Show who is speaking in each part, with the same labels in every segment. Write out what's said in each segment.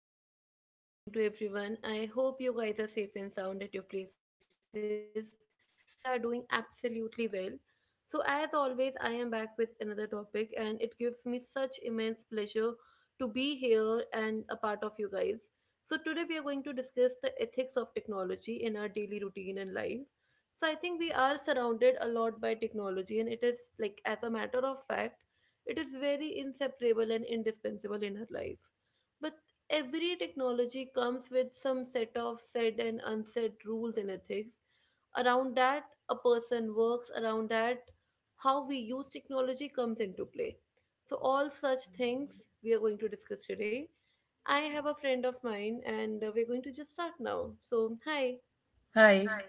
Speaker 1: and very, very warm good morning to everyone. I hope you guys are safe and sound at your places and are doing absolutely well. So, as always, I am back with another topic, and it gives me such immense pleasure to be here and a part of you guys. So, today we are going to discuss the ethics of technology in our daily routine and life. So, I think we are surrounded a lot by technology, and it is like, as a matter of fact, it is very inseparable and indispensable in our life but every technology comes with some set of said and unsaid rules and ethics. Around that, a person works, around that, how we use technology comes into play. So, all such things we are going to discuss today. I have a friend of mine and we're going to just start now. So, hi.
Speaker 2: Hi.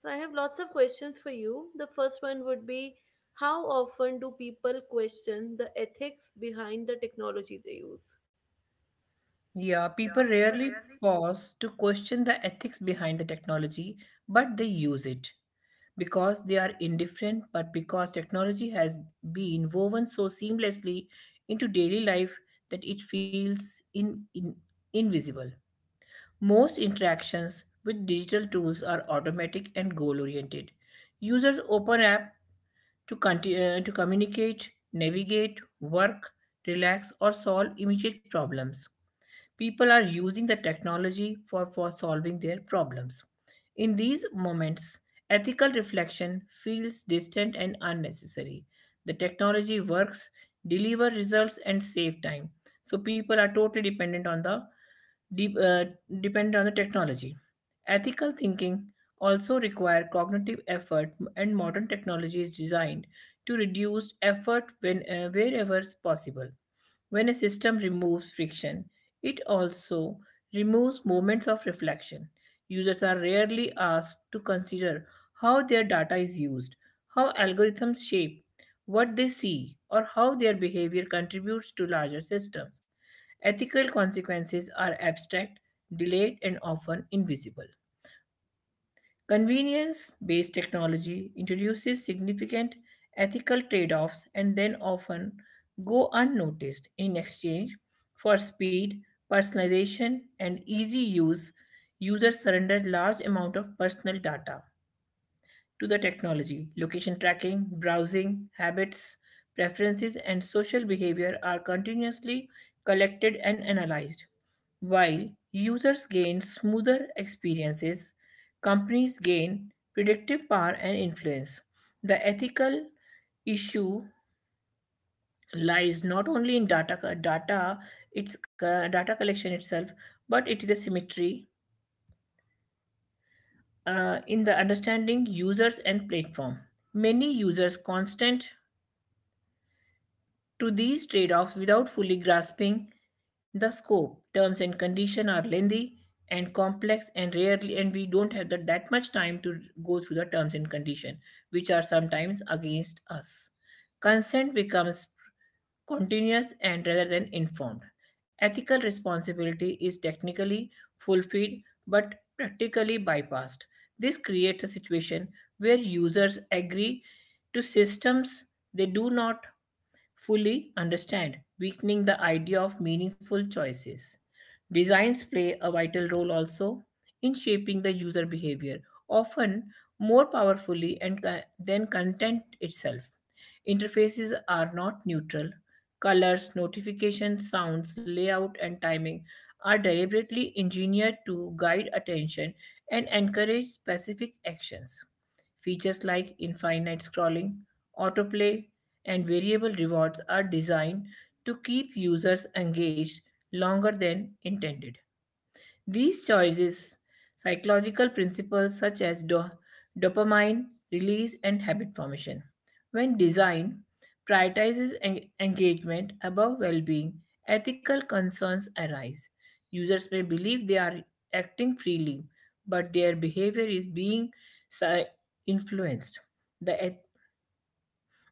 Speaker 1: So, I have lots of questions for you. The first one would be, how often do people question the ethics behind the technology they use?
Speaker 2: Yeah, people rarely pause to question the ethics behind the technology, but they use it because they are indifferent, but because technology has been woven so seamlessly into daily life that it feels invisible. Most interactions with digital tools are automatic and goal oriented. Users open app to communicate, navigate, work, relax, or solve immediate problems. People are using the technology for solving their problems. In these moments, ethical reflection feels distant and unnecessary. The technology works, deliver results, and save time. So people are totally de- uh, dependent on the technology. Ethical thinking also require cognitive effort, and modern technology is designed to reduce effort when wherever is possible. When a system removes friction, it also removes moments of reflection. Users are rarely asked to consider how their data is used, how algorithms shape what they see, or how their behavior contributes to larger systems. Ethical consequences are abstract, delayed, and often invisible. Convenience based technology introduces significant ethical trade offs and then often go unnoticed in exchange for speed, personalization, and easy use. Users surrender large amount of personal data to the technology. Location tracking, browsing, habits, preferences, and social behavior are continuously collected and analyzed. While users gain smoother experiences, companies gain predictive power and influence. The ethical issue lies not only in data, co- data its co- data collection itself, but it is a symmetry in the understanding users and platform. Many users' constant to these trade offs without fully grasping the scope. Terms and condition are lengthy and complex and rarely, and we don't have that much time to go through the terms and condition which are sometimes against us. Consent becomes continuous and rather than informed, ethical responsibility is technically fulfilled but practically bypassed. This creates a situation where users agree to systems they do not fully understand, weakening the idea of meaningful choices. Designs play a vital role also in shaping the user behavior, often more powerfully than content itself. Interfaces are not neutral. Colors, notifications, sounds, layout, and timing are deliberately engineered to guide attention and encourage specific actions. Features like infinite scrolling, autoplay, and variable rewards are designed to keep users engaged longer than intended. These choices, psychological principles such as dopamine release and habit formation, when design prioritizes engagement above well being, ethical concerns arise. Users may believe they are acting freely, but their behavior is being si- influenced. The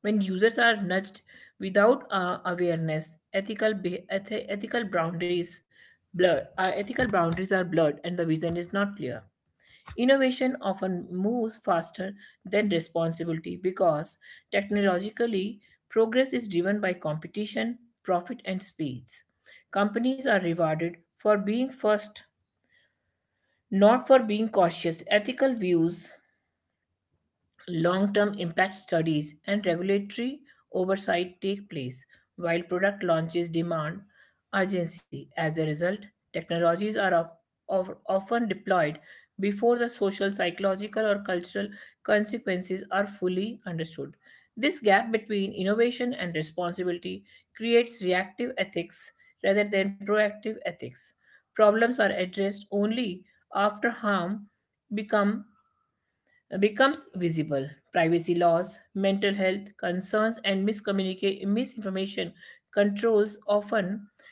Speaker 2: when users are nudged without awareness, ethical boundaries blur. Ethical boundaries are blurred, and the vision is not clear. Innovation often moves faster than responsibility, because technologically progress is driven by competition, profit, and speeds. Companies are rewarded for being first, not for being cautious, ethical views. Long term impact studies and regulatory oversight take place, while product launches demand urgency. As a result, technologies are often deployed before the social, psychological, or cultural consequences are fully understood. This gap between innovation and responsibility creates reactive ethics rather than proactive ethics. Problems are addressed only after harm become becomes visible. Privacy laws, mental health concerns, and misinformation controls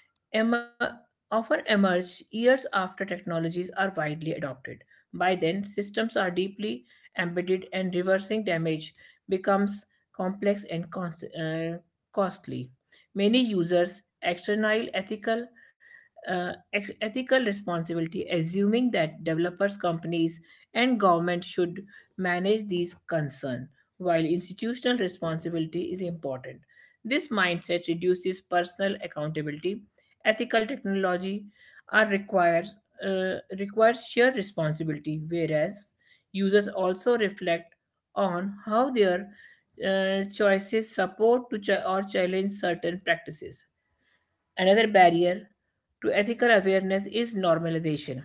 Speaker 2: em- often emerge years after technologies are widely adopted. By then, systems are deeply embedded, and reversing damage becomes complex and costly. Many users external ethical responsibility, assuming that developers, companies, and governments should manage these concerns, while institutional responsibility is important. This mindset reduces personal accountability. Ethical technology are requires requires shared responsibility, whereas users also reflect on how their choices support or challenge certain practices. Another barrier to ethical awareness is normalization.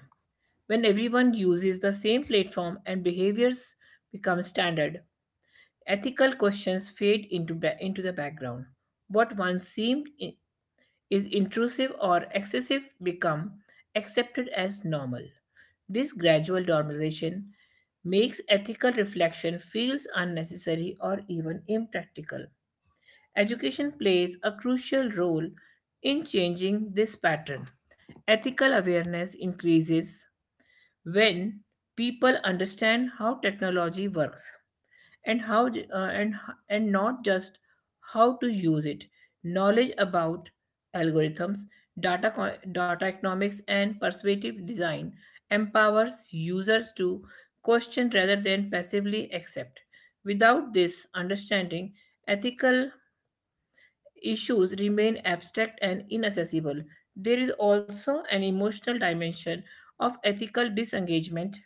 Speaker 2: When everyone uses the same platform and behaviors become standard, ethical questions fade into the background. What once seemed is intrusive or excessive become accepted as normal. This gradual normalization makes ethical reflection feels unnecessary or even impractical. Education plays a crucial role in changing this pattern. Ethical awareness increases when people understand how technology works and how and not just how to use it. Knowledge about algorithms, data economics and persuasive design empowers users to question rather than passively accept. Without this understanding, ethical issues remain abstract and inaccessible. There is also an emotional dimension of ethical disengagement.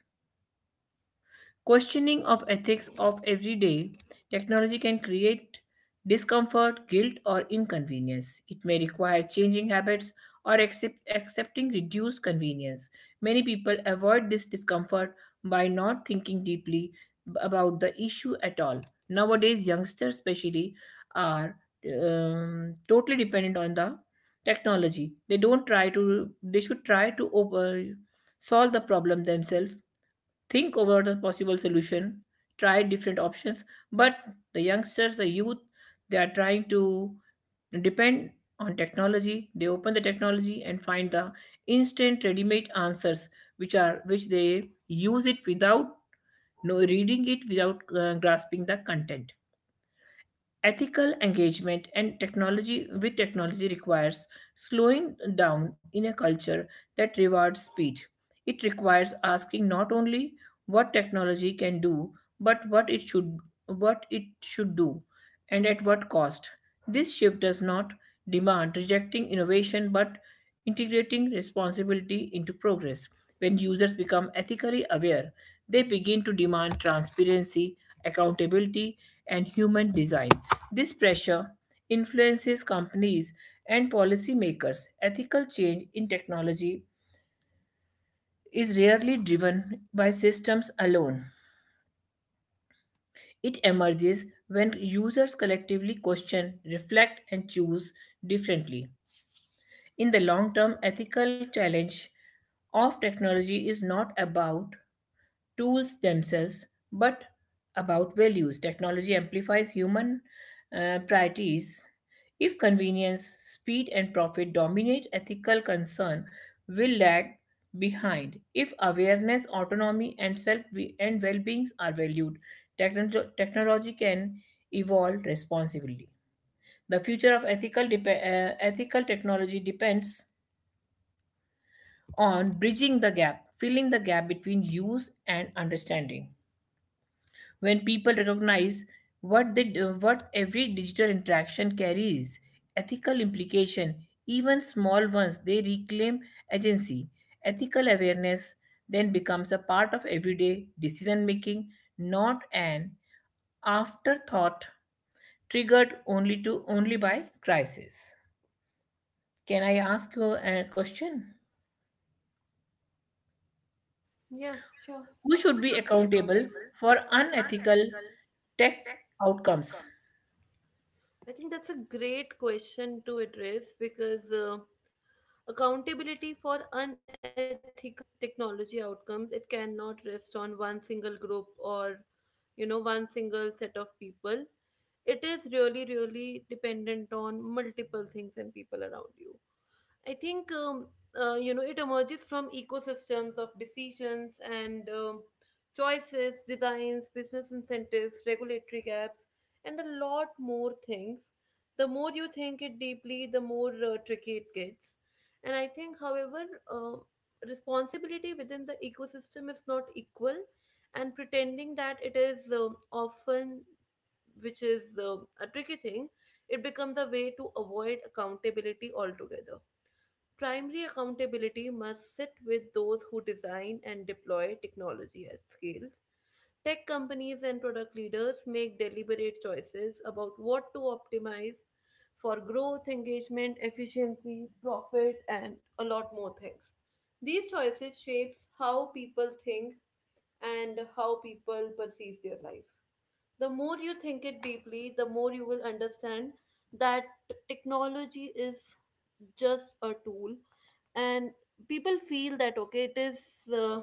Speaker 2: Questioning of ethics of everyday technology can create discomfort, guilt, or inconvenience. It may require changing habits or accepting reduced convenience. Many people avoid this discomfort by not thinking deeply about the issue at all. Nowadays, youngsters, especially, are totally dependent on the technology. They don't try to, they should try to solve the problem themselves. Think over the possible solution, try different options, but the youngsters, the youth, they are trying to depend on technology. They open the technology and find the instant ready-made answers, which they use it without no reading it, without grasping the content. Ethical engagement and technology with technology requires slowing down in a culture that rewards speed. It requires asking not only what technology can do, but what it should do, and at what cost. This shift does not demand rejecting innovation, but integrating responsibility into progress. When users become ethically aware, they begin to demand transparency, accountability, and human design. This pressure influences companies and policymakers. Ethical change in technology is rarely driven by systems alone. It emerges when users collectively question, reflect, and choose differently. In the long term, ethical challenge of technology is not about tools themselves, but about values. Technology amplifies human priorities. If convenience, speed, and profit dominate ethical concern, will lag behind. If awareness, autonomy, and self and well-beings are valued, technology can evolve responsibly. The future of ethical technology depends on bridging the gap, filling the gap between use and understanding. When people recognize what every digital interaction carries ethical implication, even small ones, they reclaim agency. Ethical awareness then becomes a part of everyday decision making, not an afterthought triggered only by crisis. Can I ask you a question?
Speaker 1: Yeah, sure.
Speaker 2: Who should be accountable for unethical tech outcomes?
Speaker 1: I think that's a great question to address because accountability for unethical technology outcomes, it cannot rest on one single group or, you know, one single set of people. It is really really dependent on multiple things and people around you. I think you know, it emerges from ecosystems of decisions and choices, designs, business incentives, regulatory gaps, and a lot more things. The more you think it deeply, the more tricky it gets. And I think, however, uh, responsibility within the ecosystem is not equal, and pretending that it is often, which is a tricky thing, it becomes a way to avoid accountability altogether. Primary accountability must sit with those who design and deploy technology at scale. Tech companies and product leaders make deliberate choices about what to optimize for growth, engagement, efficiency, profit, and a lot more things. These choices shapes how people think and how people perceive their life. The more you think it deeply, the more you will understand that technology is just a tool, and people feel that okay,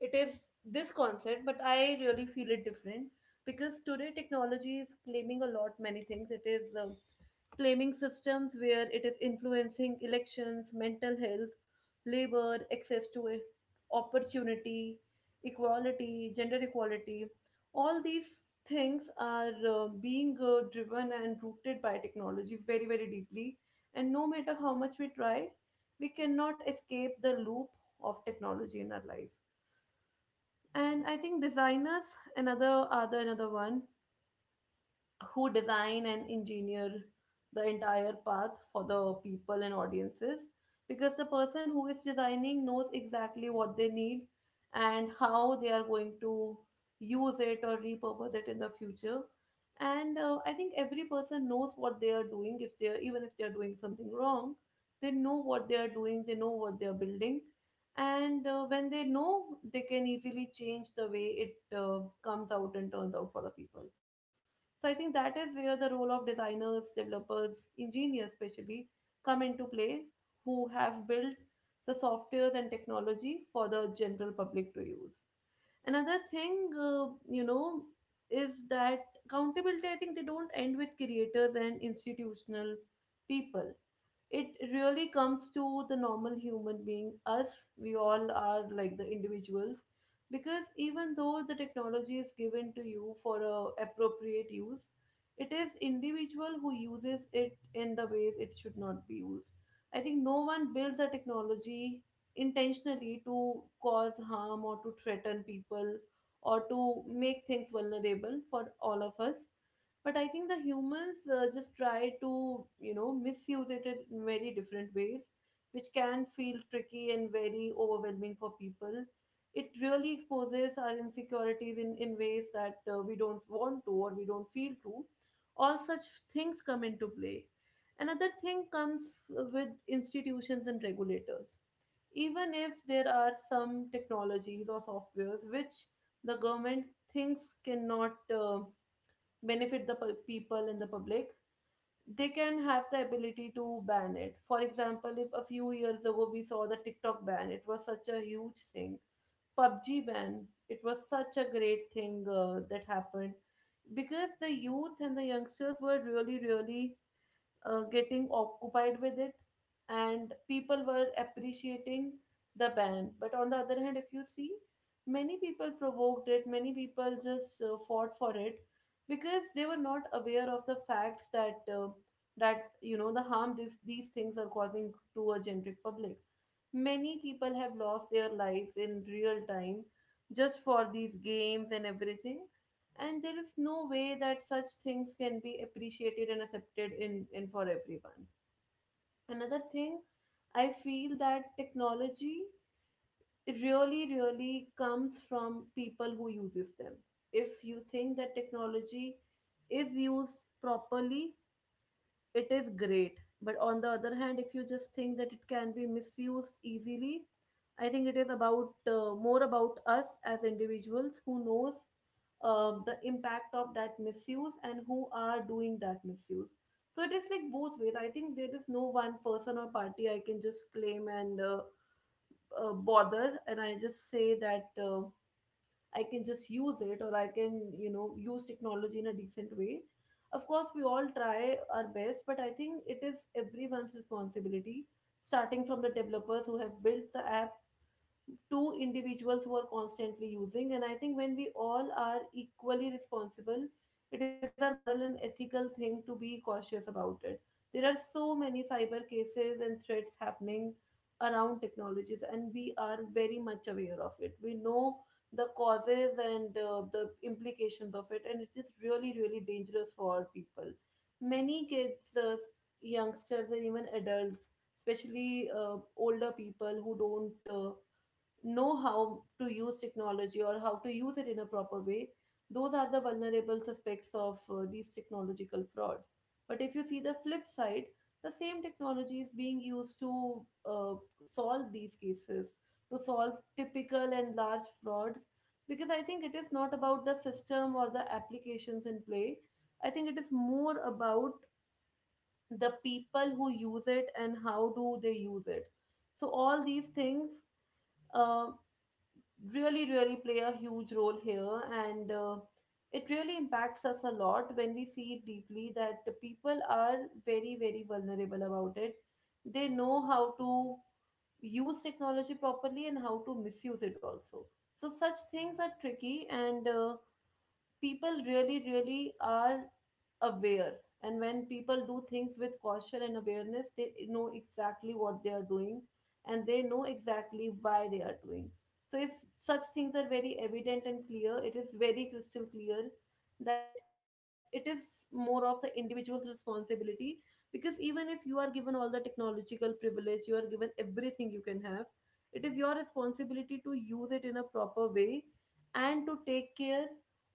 Speaker 1: it is this concept, but I really feel it different because today technology is claiming a lot many things. It is claiming systems where it is influencing elections, mental health, labor, access to opportunity, equality, gender equality. All these things are being driven and rooted by technology very, very deeply. And no matter how much we try, we cannot escape the loop of technology in our life. And I think designers, another one who design and engineer the entire path for the people and audiences, because the person who is designing knows exactly what they need and how they are going to use it or repurpose it in the future. And I think every person knows what they are doing. If they are, even if they are doing something wrong, they know what they are doing, they know what they are building. And when they know, they can easily change the way it comes out and turns out for the people. So I think that is where the role of designers, developers, engineers especially come into play, who have built the softwares and technology for the general public to use. Another thing, you know, is that accountability, I think they don't end with creators and institutional people. It really comes to the normal human being, us. We all are like the individuals, because even though the technology is given to you for a appropriate use, it is individual who uses it in the ways it should not be used. I think no one builds a technology intentionally to cause harm or to threaten people or to make things vulnerable for all of us. But I think the humans just try to, you know, misuse it in very different ways, which can feel tricky and very overwhelming for people. It really exposes our insecurities in ways that we don't want to or we don't feel to. All such things come into play. Another thing comes with institutions and regulators. Even if there are some technologies or softwares which the government thinks cannot uh, benefit the people and the public, they can have the ability to ban it. For example, if a few years ago we saw the TikTok ban, it was such a huge thing. PUBG ban, it was such a great thing that happened because the youth and the youngsters were really, really getting occupied with it, and people were appreciating the band. But on the other hand, if you see, many people provoked it, many people just fought for it because they were not aware of the facts that you know, the harm this these things are causing to a generic public. Many people have lost their lives in real time just for these games and everything. And there is no way that such things can be appreciated and accepted in for everyone. Another thing, I feel that technology really really comes from people who uses them. If you think that technology is used properly, it is great. But on the other hand, if you just think that it can be misused easily, I think it is about more about us as individuals who knows the impact of that misuse and who are doing that misuse. So it is like both ways. I think there is no one person or party I can just claim and bother, and I just say that I can just use it, or I can, you know, use technology in a decent way. Of course, we all try our best, but I think it is everyone's responsibility, starting from the developers who have built the app two individuals who are constantly using. And I think when we all are equally responsible, it is our moral and ethical thing to be cautious about it. There are so many cyber cases and threats happening around technologies, and we are very much aware of it. We know the causes and the implications of it, and it is really really dangerous for people. Many kids, youngsters and even adults, especially older people who don't know how to use technology or how to use it in a proper way, those are the vulnerable suspects of these technological frauds. But if you see the flip side, the same technology is being used to uh, solve these cases, to solve typical and large frauds, because I think it is not about the system or the applications in play. I think it is more about the people who use it and how do they use it. So all these things uh, really really play a huge role here, and it really impacts us a lot when we see it deeply, that the people are very very vulnerable about it. They know how to use technology properly and how to misuse it also. So such things are tricky, and people really really are aware. And when people do things with caution and awareness, they know exactly what they are doing, and they know exactly why they are doing. So if such things are very evident and clear, it is very crystal clear that it is more of the individual's responsibility, because even if you are given all the technological privilege, you are given everything you can have, it is your responsibility to use it in a proper way and to take care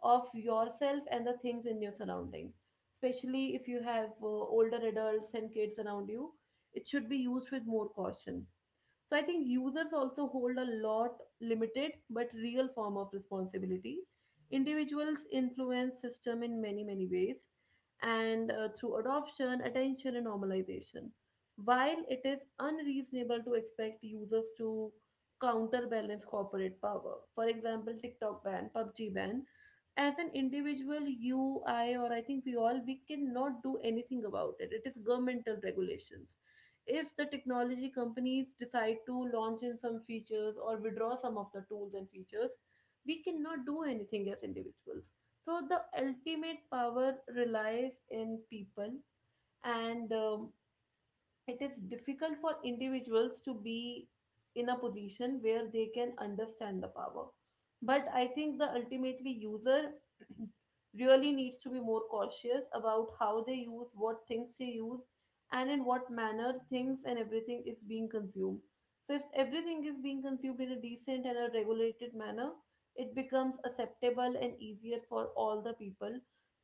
Speaker 1: of yourself and the things in your surroundings, especially if you have older adults and kids around you. It should be used with more caution. So I think users also hold a lot limited but real form of responsibility. Individuals influence system in many many ways and through adoption, attention and normalization. While it is unreasonable to expect users to counterbalance corporate power. For example, TikTok ban, PUBG ban, as an individual you I or I think we all, we cannot do anything about it. It is governmental regulations. If the technology companies decide to launch in some features or withdraw some of the tools and features, we cannot do anything as individuals. So the ultimate power relies in people, and it is difficult for individuals to be in a position where they can understand the power, but I think the ultimately user really needs to be more cautious about how they use, what things they use, and in what manner things and everything is being consumed. So if everything is being consumed in a decent and a regulated manner, it becomes acceptable and easier for all the people,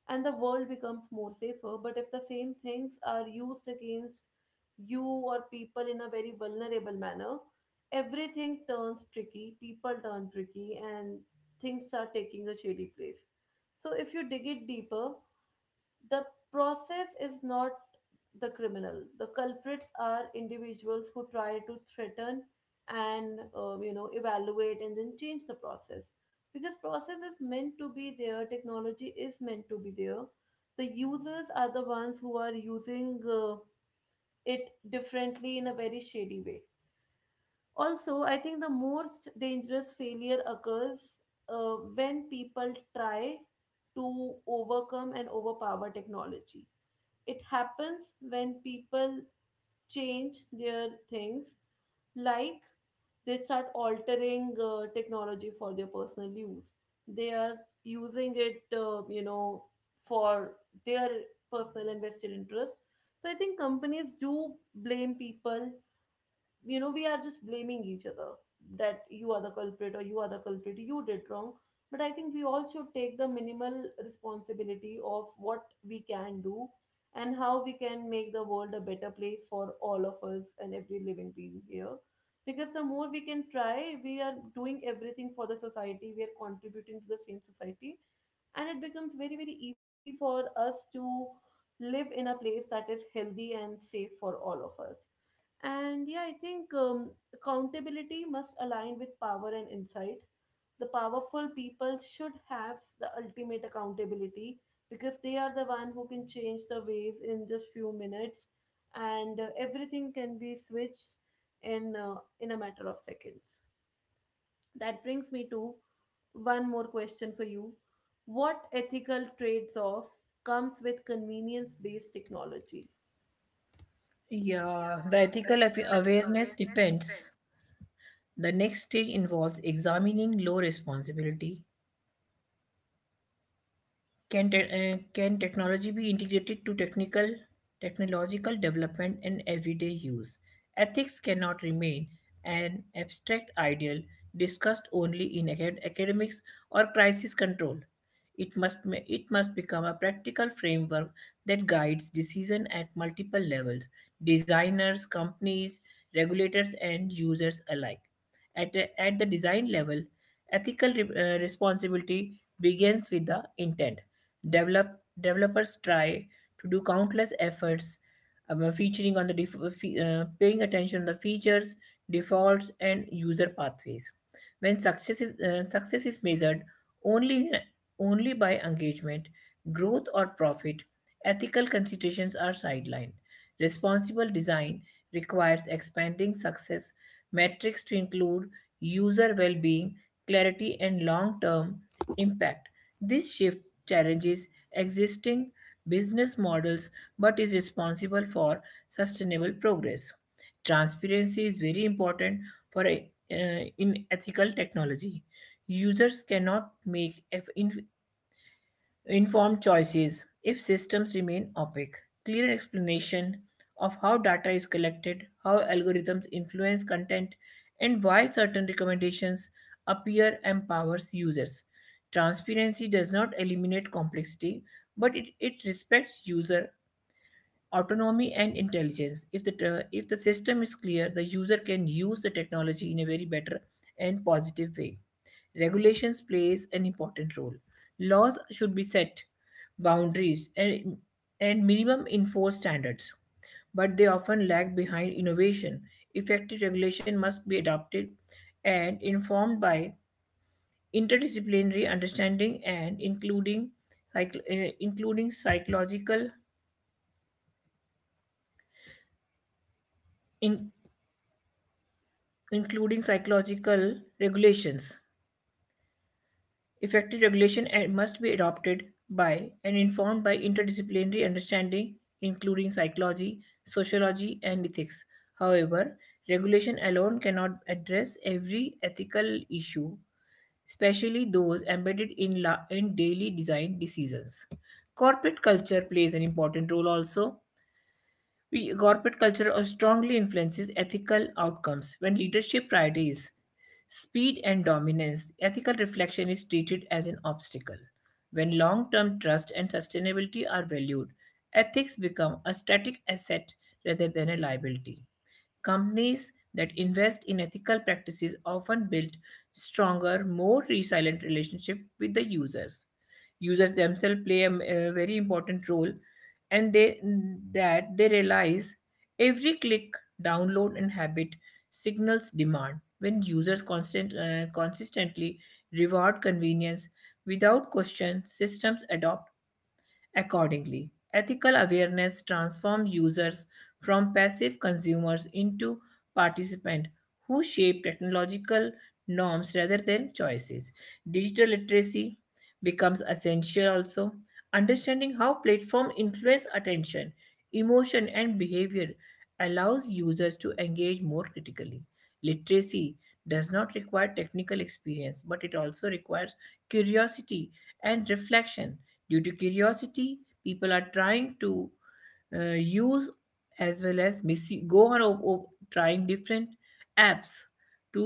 Speaker 1: and the world becomes more safer. But if the same things are used against you or people in a very vulnerable manner, everything turns tricky, people turn tricky, and things are taking a shady place. So, if you dig it deeper, the process is not the criminal. The culprits are individuals who try to threaten and evaluate and then change the process, because process is meant to be there, technology is meant to be there, the users are the ones who are using it differently in a very shady way. Also, I think the most dangerous failure occurs when people try to overcome and overpower technology. It happens when people change their things, like they start altering technology for their personal use. They are using it, for their personal and vested interest. So I think companies do blame people, we are just blaming each other, that you are the culprit, or you are the culprit, you did wrong. But I think we all should take the minimal responsibility of what we can do and how we can make the world a better place for all of us and every living being here. Because the more we can try, we are doing everything for the society, we are contributing to the same society, and it becomes very very easy for us to live in a place that is healthy and safe for all of us. And yeah, I think accountability must align with power and insight. The powerful people should have the ultimate accountability, because they are the one who can change the ways in just few minutes, and everything can be switched in a matter of seconds. That brings me to one more question for you. What ethical trades-off comes with convenience-based technology?
Speaker 2: Yeah, the ethical awareness depends. The next stage involves examining low responsibility. Can technology be integrated to technical technological development and everyday use? Ethics cannot remain an abstract ideal discussed only in academics or crisis control. It must become a practical framework that guides decision at multiple levels: designers, companies, regulators, and users alike. At the design level, ethical responsibility begins with the intent. Developers try to do countless efforts, featuring on the def- paying attention to the features, defaults, and user pathways. When success is measured only, only by engagement, growth, or profit, ethical considerations are sidelined. Responsible design requires expanding success metrics to include user well being, clarity, and long term impact. This shift challenges existing business models but is responsible for sustainable progress. Transparency is very important for in ethical technology. Users cannot make informed choices if systems remain opaque. Clear explanation of how data is collected, how algorithms influence content, and why certain recommendations appear empowers users. Transparency does not eliminate complexity, but it respects user autonomy and intelligence. If the system is clear, the user can use the technology in a very better and positive way. Regulations plays an important role. Laws should be set boundaries and minimum enforced standards, but they often lag behind innovation. Effective regulation must be adopted and informed by interdisciplinary understanding, and including psych- including psychological in- including psychological regulations. Effective regulation and must be adopted by and informed by interdisciplinary understanding, including psychology, sociology, and ethics. However, regulation alone cannot address every ethical issue, especially those embedded in daily design decisions. Corporate culture plays an important role also. Corporate culture strongly influences ethical outcomes. When leadership priorities speed and dominance, ethical reflection is treated as an obstacle. When long term trust and sustainability are valued, ethics become a static asset rather than a liability. Companies that invest in ethical practices often build stronger, more resilient relationship with the users. Users themselves play a very important role, and they realize every click, download and habit signals demand. When users consistently reward convenience without question, systems adopt. Accordingly, ethical awareness transforms users from passive consumers into participants who shape technological norms rather than choices. Digital literacy becomes essential also. Understanding how platforms influence attention, emotion, and behavior allows users to engage more critically. Literacy does not require technical experience, but it also requires curiosity and reflection. Due to curiosity, people are trying to use as well as miss- go on op- op- trying different apps to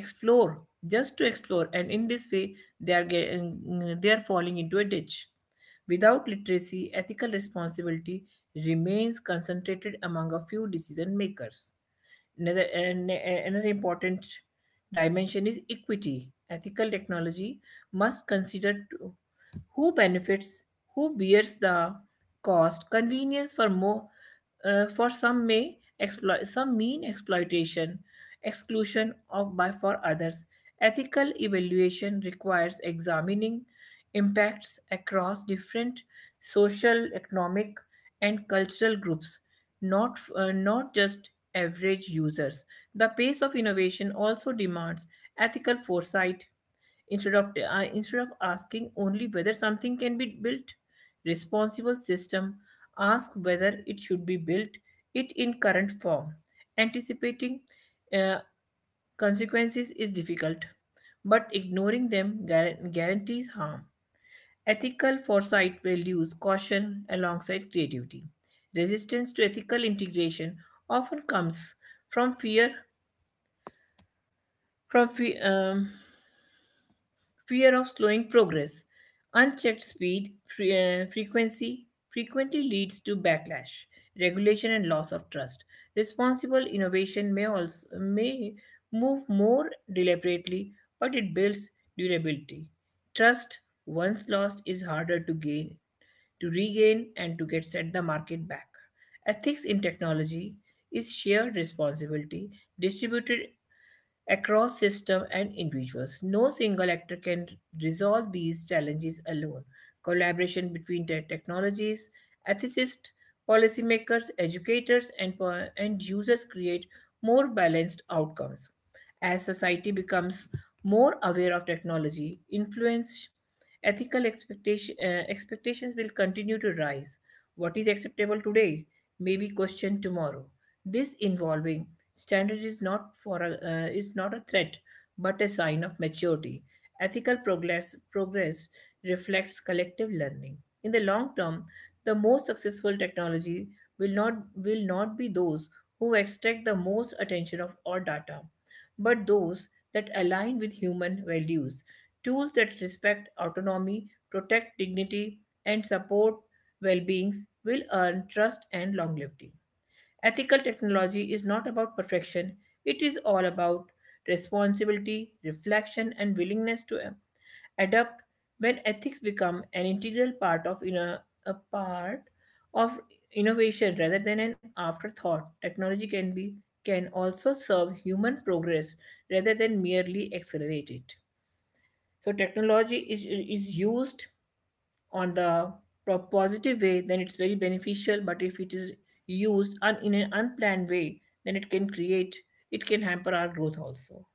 Speaker 2: explore to explore, and in this way, they are getting they are falling into a ditch. Without literacy, ethical responsibility remains concentrated among a few decision makers. Another important dimension is equity. Ethical technology must consider who benefits, who bears the cost, convenience for some may exploit some mean exploitation, exclusion of by for others. Ethical evaluation requires examining impacts across different social, economic, and cultural groups, not just average users. The pace of innovation also demands ethical foresight, instead of asking only whether something can be built. Responsible system ask whether it should be built, it in current form. Anticipating uh, consequences is difficult, but ignoring them guarantees harm. Ethical foresight values caution alongside creativity. Resistance to ethical integration often comes from fear from fear of slowing progress. Unchecked speed, fre- frequency frequently leads to backlash, regulation, and loss of trust. Responsible innovation may also may move more deliberately, but it builds durability. Trust once lost is harder to gain, to regain, and to get set the market back. Ethics in technology is shared responsibility distributed across systems and individuals. No single actor can resolve these challenges alone. Collaboration between the technologies, ethicists, policymakers, educators, and users create more balanced outcomes. As society becomes more aware of technology, influence, ethical expectations will continue to rise. What is acceptable today may be questioned tomorrow. This involving Standard is not a threat, but a sign of maturity. Ethical progress reflects collective learning. In the long term, the most successful technology will not be those who extract the most attention of all data, but those that align with human values. Tools that respect autonomy, protect dignity, and support well beings will earn trust and longevity. Ethical technology is not about perfection, it is all about responsibility, reflection, and willingness to adapt. When ethics become an integral a part of innovation rather than an afterthought, technology can also serve human progress rather than merely accelerate it. So technology is used on the positive way, then it's very beneficial. But if it is used in an unplanned way, then it can hamper our growth also.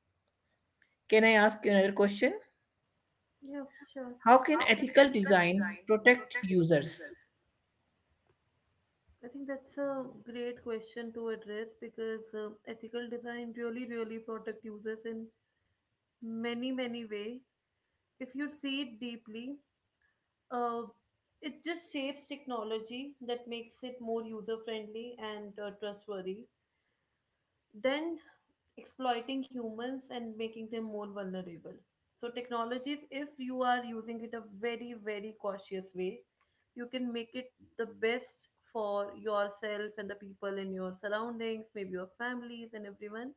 Speaker 2: Can I ask you another question?
Speaker 1: Yeah, sure.
Speaker 2: How can ethical design protect users?
Speaker 1: I think that's a great question to address, because ethical design really, really protect users in many, many way. If you see it deeply, uh, it just shapes technology that makes it more user friendly and trustworthy. Then exploiting humans and making them more vulnerable. So, technologies, if you are using it a very, very cautious way, you can make it the best for yourself and the people in your surroundings, maybe your families and everyone.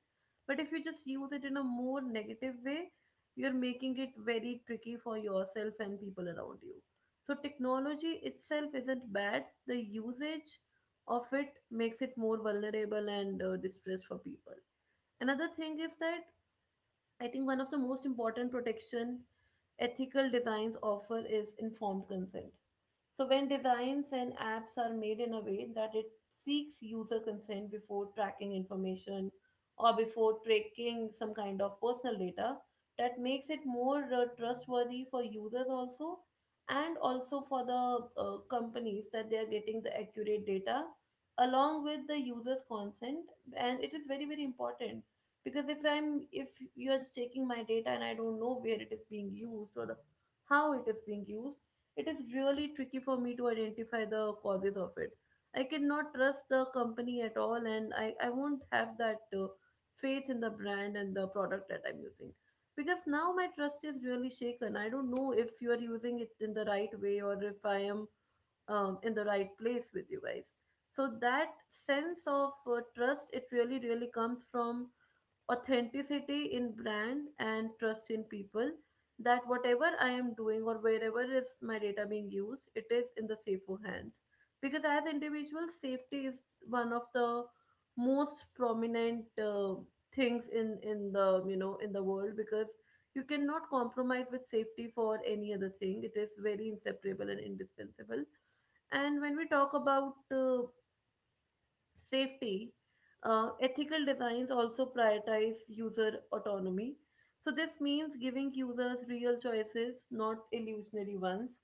Speaker 1: But if you just use it in a more negative way, you're making it very tricky for yourself and people around you. So, technology itself isn't bad, the usage of it makes it more vulnerable and distressed for people. Another thing is that I think one of the most important protection ethical designs offer is informed consent. So, when designs and apps are made in a way that it seeks user consent before tracking information or before tracking some kind of personal data, that makes it more trustworthy for users also, and also for the companies, that they are getting the accurate data along with the user's consent. And it is very very important, because if you're just taking my data and I don't know where it is being used or how it is being used, it is really tricky for me to identify the causes of it. I cannot trust the company at all, and I won't have that faith in the brand and the product that I'm using. Because now my trust is really shaken. I don't know if you're using it in the right way, or if I am in the right place with you guys. So that sense of trust, it really, really comes from authenticity in brand and trust in people, that whatever I am doing or wherever is my data being used, it is in the safer hands. Because as individuals, safety is one of the most prominent things in the in the world, because you cannot compromise with safety for any other thing, it is very inseparable and indispensable. And when we talk about safety, ethical designs also prioritize user autonomy. So, this means giving users real choices, not illusionary ones,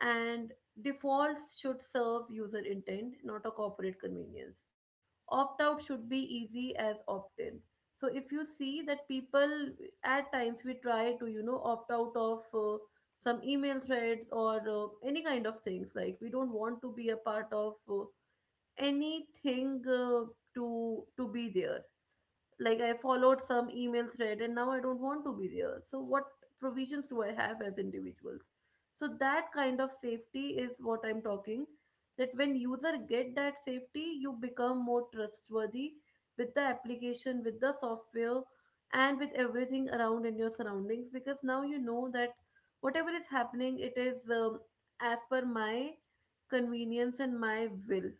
Speaker 1: and defaults should serve user intent, not a corporate convenience. Opt out should be easy as opt in. So, if you see that people, at times we try to, opt out of some email threads or any kind of things, like we don't want to be a part of. Anything to be there, like I followed some email thread and now I don't want to be there, so what provisions do I have as individuals? So that kind of safety is what I'm talking, that when user get that safety, you become more trustworthy with the application, with the software, and with everything around in your surroundings, because now you know that whatever is happening, it is as per my convenience and my will.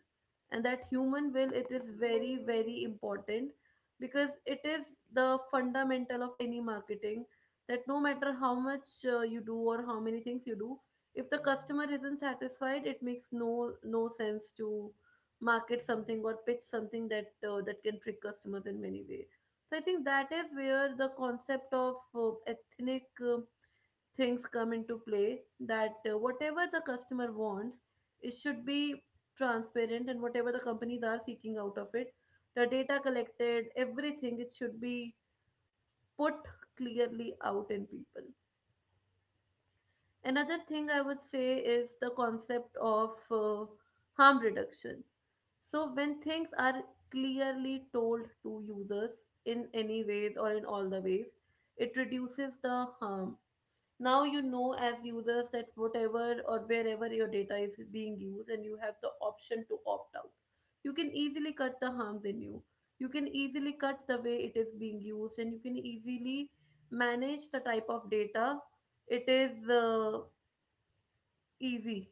Speaker 1: And that human will, it is very very important, because it is the fundamental of any marketing, that no matter how much you do or how many things you do, if the customer isn't satisfied, it makes no sense to market something or pitch something that that can trick customers in many ways. So I think that is where the concept of ethnic things come into play, that whatever the customer wants, it should be transparent, and whatever the companies are seeking out of it, the data collected, everything, it should be put clearly out in people. Another thing I would say is the concept of harm reduction. So when things are clearly told to users in any ways or in all the ways, it reduces the harm. Now you know as users that whatever or wherever your data is being used, and you have the option to opt out, you can easily cut the harms in you, you can easily cut the way it is being used, and you can easily manage the type of data. It is easy,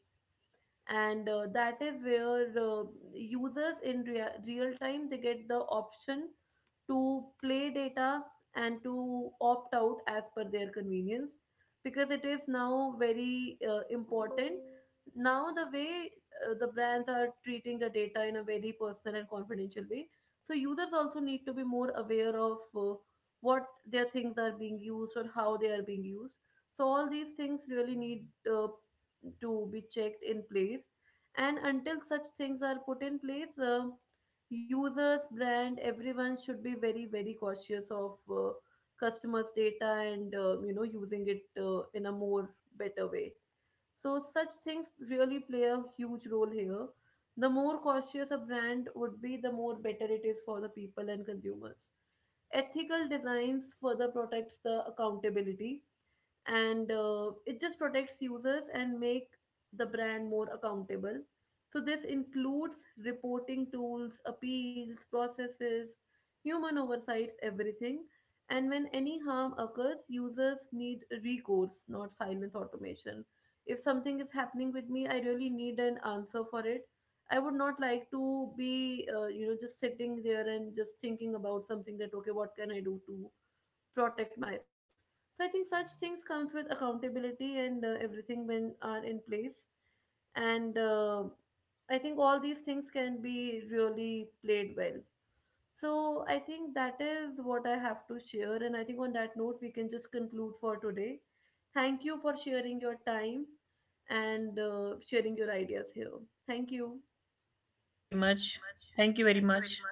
Speaker 1: and that is where users in real time they get the option to play data and to opt out as per their convenience, because it is now very important. Now, the way the brands are treating the data in a very personal and confidential way, so users also need to be more aware of what their things are being used or how they are being used. So, all these things really need uh, to be checked in place. And until such things are put in place, users, brand, everyone should be very very cautious of customers data, and using it in a more better way. So such things really play a huge role here. The more cautious a brand would be, the more better it is for the people and consumers. Ethical designs further protects the accountability, and it just protects users and make the brand more accountable. So this includes reporting tools, appeals processes, human oversights, everything. And when any harm occurs, users need recourse, not silence automation. If something is happening with me, I really need an answer for it. I would not like to be just sitting there and just thinking about something, that okay, what can I do to protect myself. So I think such things comes with accountability, and everything, when are in place. And I think all these things can be really played well. So I think that is what I have to share. And I think on that note, we can just conclude for today. Thank you for sharing your time and sharing your ideas here. Thank you.
Speaker 2: Very much. Thank you very much.